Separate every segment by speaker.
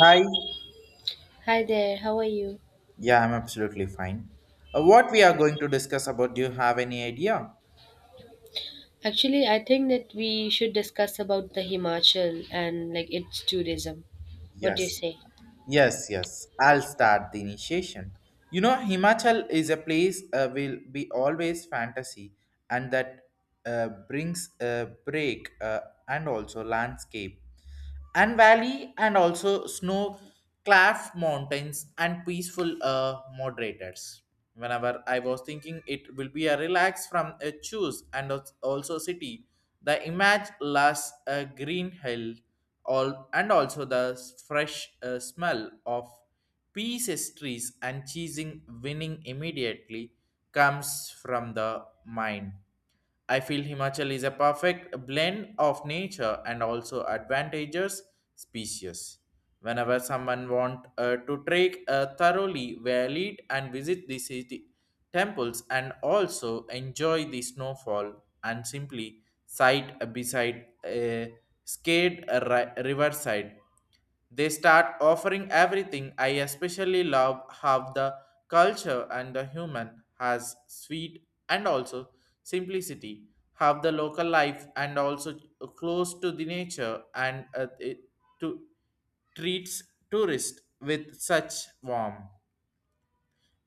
Speaker 1: Hi.
Speaker 2: Hi there, how are you?
Speaker 1: Yeah, I'm absolutely fine. What we are going to discuss about, do you have any idea?
Speaker 2: Actually, I think that we should discuss about the Himachal and like its tourism. What do you
Speaker 1: Yes.
Speaker 2: say?
Speaker 1: Yes, yes. I'll start the initiation. You know, Himachal is a place will be always fantasy and that brings a break, and also landscape and valley and also snow clad mountains and peaceful moderators. Whenever I was thinking it will be a relax from a choose and also city, the image lasts a green hill all and also the fresh smell of pieces trees and cheesing winning immediately comes from the mind. I feel Himachal is a perfect blend of nature and also advantageous species. Whenever someone want to trek thoroughly, well lead and visit the city temples and also enjoy the snowfall and simply side beside a scared riverside. They start offering everything. I especially love how the culture and the human has sweet and also simplicity. Have the local life and also close to the nature and to treats tourists with such warmth.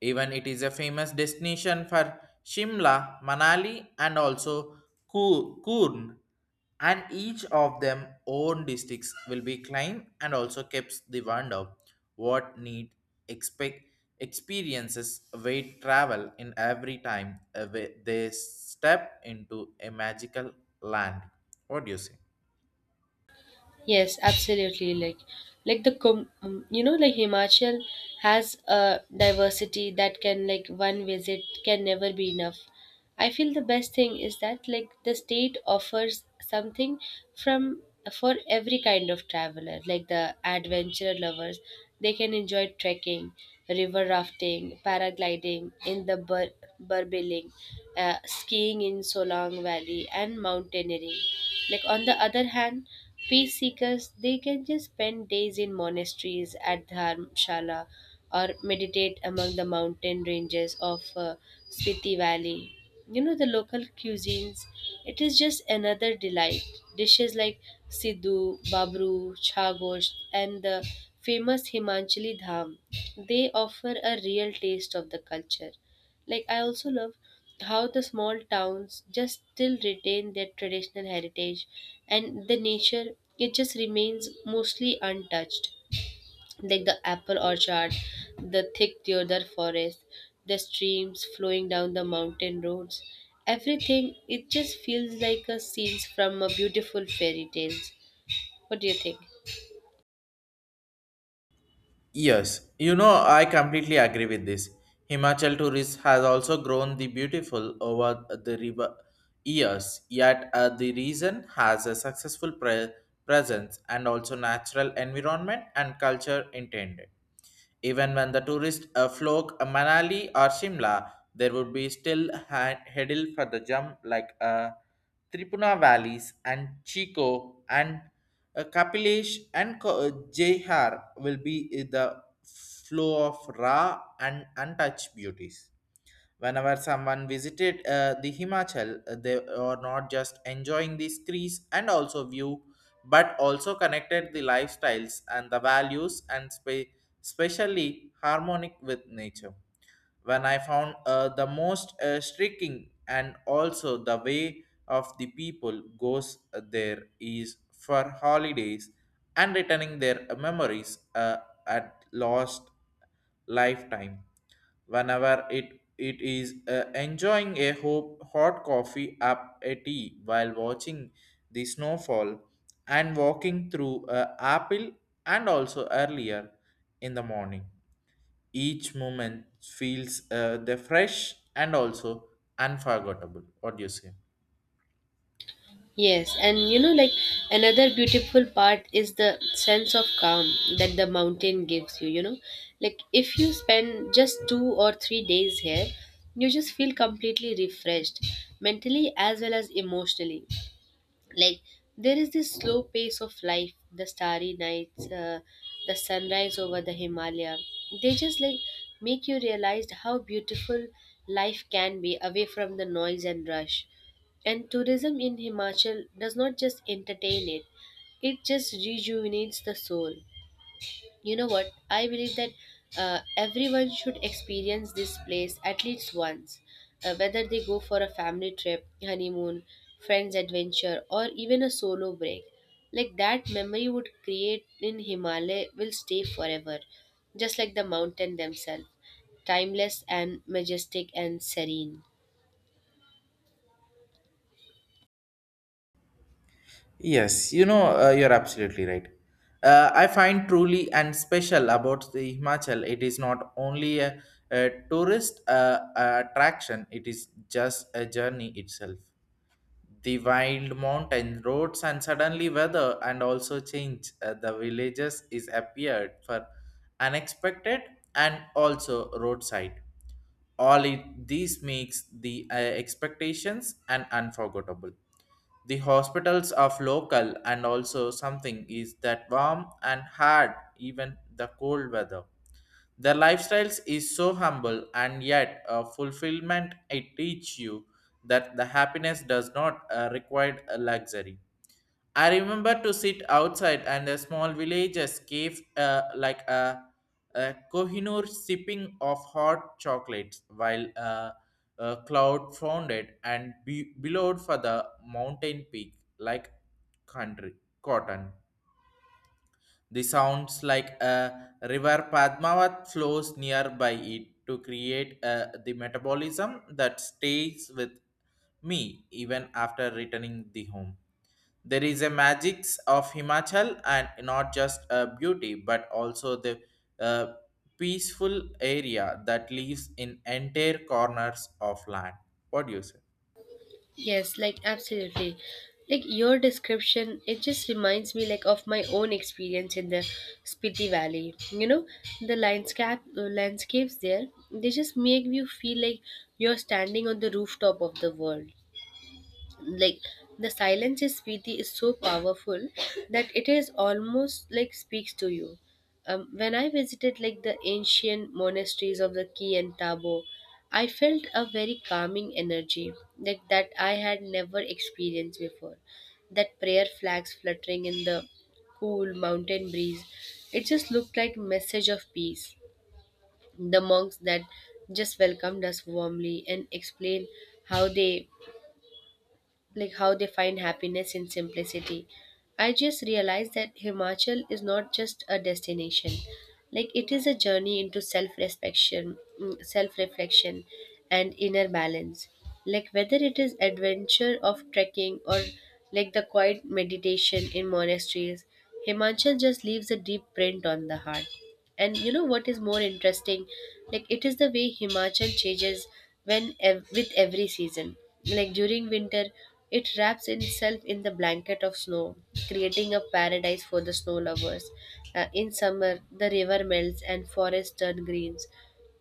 Speaker 1: Even it is a famous destination for Shimla, Manali, and also Kurn. And each of them own districts will be climbed and also keeps the wonder what need expect experiences await travel in every time they step into a magical land. What do you say?
Speaker 2: Yes, absolutely. Like the com- you know, like Himachal has a diversity that can like one visit can never be enough. I feel the best thing is that like the state offers something from for every kind of traveler, like the adventure lovers. They can enjoy trekking, river rafting, paragliding in the Burbiling, skiing in Solang Valley, and mountaineering. Like on the other hand, peace seekers they can just spend days in monasteries at dharmshala or meditate among the mountain ranges of Spiti Valley. You know, the local cuisines, it is just another delight. Dishes like Sidhu, Babru, Chagosht, and the famous Himanchali Dham, they offer a real taste of the culture. Like, I also love how the small towns just still retain their traditional heritage and the nature, it just remains mostly untouched like the apple orchard, the thick deodar forest, the streams flowing down the mountain roads. Everything, it just feels like a scene from a beautiful fairy tales. What do you think?
Speaker 1: Yes, you know, I completely agree with this. Himachal tourism has also grown the beautiful over the river years, yet the region has a successful presence and also natural environment and culture intended. Even when the tourists flock Manali or Shimla, there would be still headil for the jump like Tripura valleys and Chico and Kapilesh and Jaihar will be the flow of raw and untouched beauties. Whenever someone visited the Himachal, they are not just enjoying these trees and also view, but also connected the lifestyles and the values and especially harmonic with nature. When I found the most striking and also the way of the people goes, there is for holidays and returning their memories at lost lifetime. Whenever it is enjoying a hot coffee up a tea while watching the snowfall and walking through apple and also earlier in the morning, each moment feels the fresh and also unforgettable. What do you say?
Speaker 2: Yes, and you know, like another beautiful part is the sense of calm that the mountain gives you. You know, like if you spend just 2 or 3 days here, you just feel completely refreshed mentally as well as emotionally, like there is this slow pace of life, the starry nights, the sunrise over the himalaya, they just like make you realize how beautiful life can be away from the noise and rush, and tourism in himachal does not just entertain it, it just rejuvenates the soul. You know what? I believe that everyone should experience this place at least once, whether they go for a family trip, honeymoon, friends' adventure, or even a solo break. Like that memory would create in Himalaya will stay forever, just like the mountain themselves, timeless and majestic and serene.
Speaker 1: Yes, you know, you're absolutely right. I find truly and special about the Himachal, it is not only a tourist attraction, it is just a journey itself. The wild mountain roads and suddenly weather and also change, the villages is appeared for unexpected and also roadside. All it this makes the expectations and unforgettable. The hospitals of local and also something is that warm and hard even the cold weather. Their lifestyles is so humble and yet a fulfillment, it teach you that the happiness does not require a luxury. I remember to sit outside and the small villages gave, a Kohinoor sipping of hot chocolates while a cloud founded and billowed for the mountain peak like country cotton. The sounds like a river Padmavat flows nearby it to create the metabolism that stays with me even after returning the home. There is a magics of Himachal and not just a beauty, but also the uh, peaceful area that lives in entire corners of land. What do you say?
Speaker 2: Yes, like absolutely. Like your description, it just reminds me like of my own experience in the Spiti Valley. You know, the landscape landscapes there, they just make you feel like you're standing on the rooftop of the world, like the silence is Preeti is so powerful that it is almost like speaks to you. When I visited like the ancient monasteries of the Ki and Tabo, I felt a very calming energy like that I had never experienced before. That prayer flags fluttering in the cool mountain breeze, it just looked like message of peace. The monks that just welcomed us warmly and explained how they like how they find happiness in simplicity. I just realized that Himachal is not just a destination. Like it is a journey into self-reflection, self-reflection and inner balance. Like whether it is adventure of trekking or like the quiet meditation in monasteries, Himachal just leaves a deep print on the heart. And you know what is more interesting? Like it is the way Himachal changes when with every season. Like during winter, it wraps itself in the blanket of snow, creating a paradise for the snow lovers. In summer, the river melts and forests turn greens,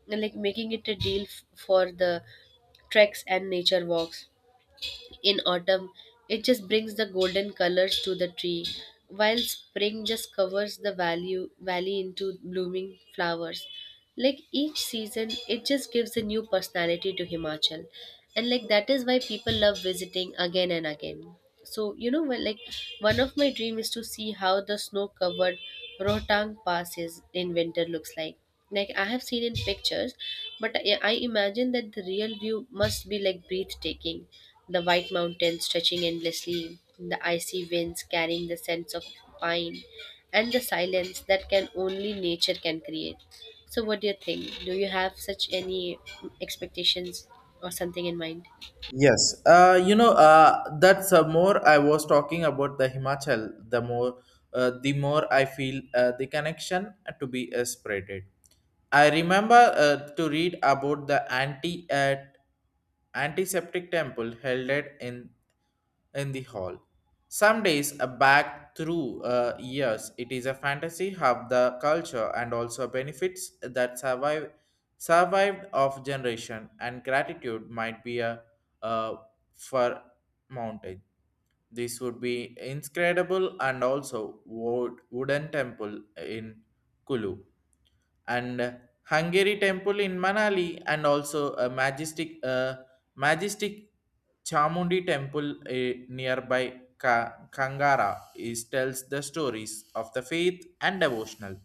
Speaker 2: like making it a deal for the treks and nature walks. In autumn it just brings the golden colors to the tree, while spring just covers the value valley into blooming flowers. Like each season it just gives a new personality to himachal, and like that is why people love visiting again and again. So you know well, like one of my dream is to see how the snow covered rohtang passes in winter looks like. Like I have seen in pictures, but I imagine that the real view must be like breathtaking. The white mountains stretching endlessly, the icy winds carrying the scents of pine, and the silence that can only nature can create. So, what do you think? Do you have such any expectations or something in mind?
Speaker 1: Yes, you know, that's more. I was talking about the Himachal. The more I feel the connection to be spreaded. I remember to read about the anti at antiseptic temple held it in the hall. Some days back through years, it is a fantasy of the culture and also benefits that survived of generation and gratitude might be a uh, for mountain. This would be inscrutable and also wooden temple in Kulu and Hungary temple in Manali, and also a majestic Chamundi temple nearby Kangara is tells the stories of the faith and devotional.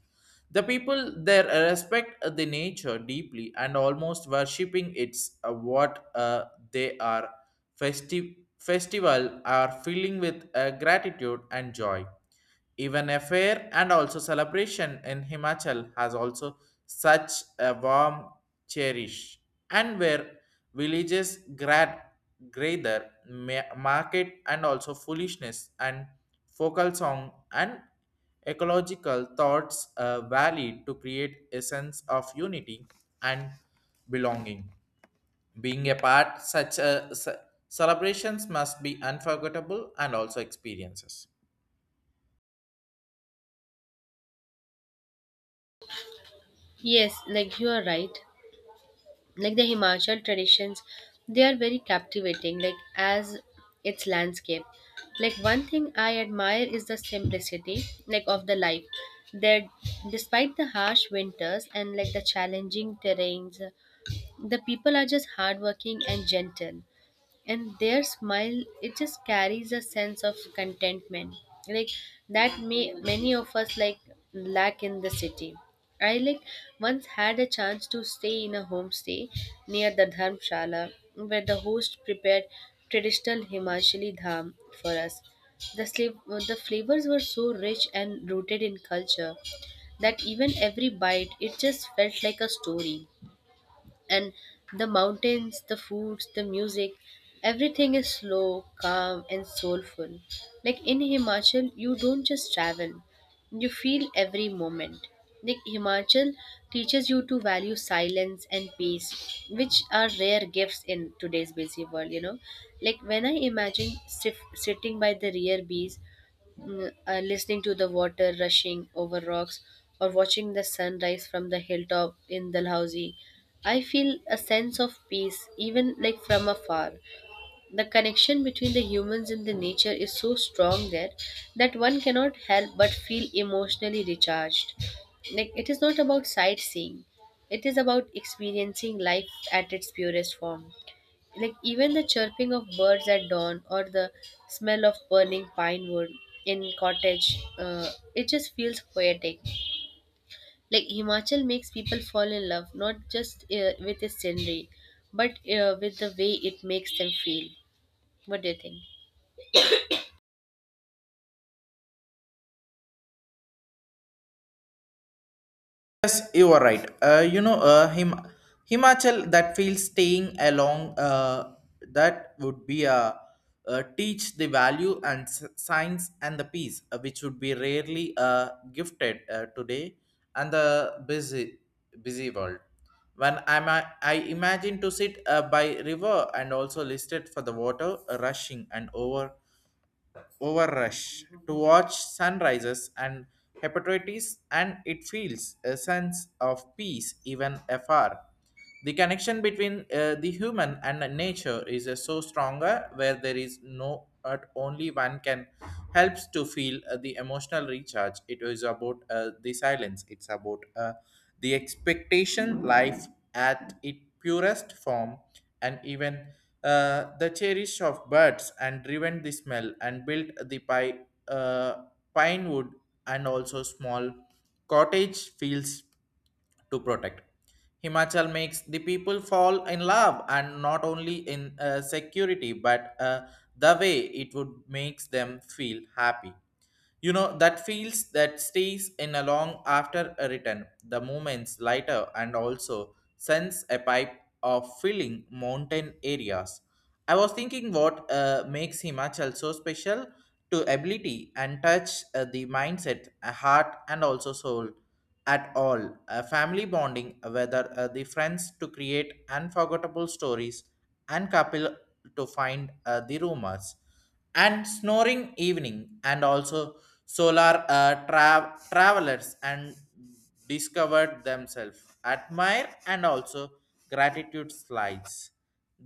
Speaker 1: The people there respect the nature deeply and almost worshipping its what they are festive festival are filling with gratitude and joy. Even a fair and also celebration in Himachal has also such a warm cherish, and where villages grad gather market and also foolishness and focal song and ecological thoughts valid to create a sense of unity and belonging. Being a part such a celebrations must be unforgettable and also experiences.
Speaker 2: Yes, like you are right. Like the Himachal traditions, they are very captivating, like as its landscape. Like one thing I admire is the simplicity, like of the life. That despite the harsh winters and like the challenging terrains, the people are just hardworking and gentle, and their smile it just carries a sense of contentment, like that may many of us like lack in the city. I like once had a chance to stay in a homestay near the dharmshala, where the host prepared traditional himachali dham for us. The flavors were so rich and rooted in culture that even every bite it just felt like a story. And the mountains, the foods, the music, everything is slow, calm, and soulful. Like in Himachal, you don't just travel, you feel every moment. Like Himachal teaches you to value silence and peace, which are rare gifts in today's busy world, you know. Like when I imagine sitting by the rear bees, listening to the water rushing over rocks or watching the sunrise from the hilltop in Dalhousie, I feel a sense of peace even like from afar. The connection between the humans and the nature is so strong there that one cannot help but feel emotionally recharged. Like it is not about sightseeing, it is about experiencing life at its purest form. Like even the chirping of birds at dawn or the smell of burning pine wood in cottage, it just feels poetic. Like himachal makes people fall in love not just with its scenery, but with the way it makes them feel. What do you think?
Speaker 1: Yes, you are right. You know, Himachal that feels staying along. That would be a teach the value and science and the peace, which would be rarely gifted today, and the busy world. I imagine to sit by river and also listed for the water rushing and over overrush to watch sunrises and hepatitis and it feels a sense of peace even afar. The connection between the human and the nature is so stronger where there is no but only one can helps to feel the emotional recharge. It is about the silence. It's about the expectation life at its purest form and even the cherish of birds and driven the smell and built the uh, pine wood and also small cottage fields to protect. Himachal makes the people fall in love and not only in security but the way it would makes them feel happy. You know, that feels that stays in a long after a return, the moments lighter and also sends a pipe of filling mountain areas. I was thinking what makes Himachal so special to ability and touch the mindset, heart and also soul at all. A family bonding, whether the friends to create unforgettable stories and couple to find the rumors and snoring evening and also solar travelers and discovered themselves admire and also gratitude slides,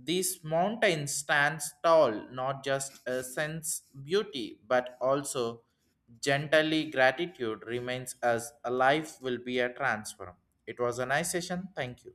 Speaker 1: this mountain stands tall not just a sense beauty but also gently gratitude remains as a life will be a transform. It was a nice session, thank you.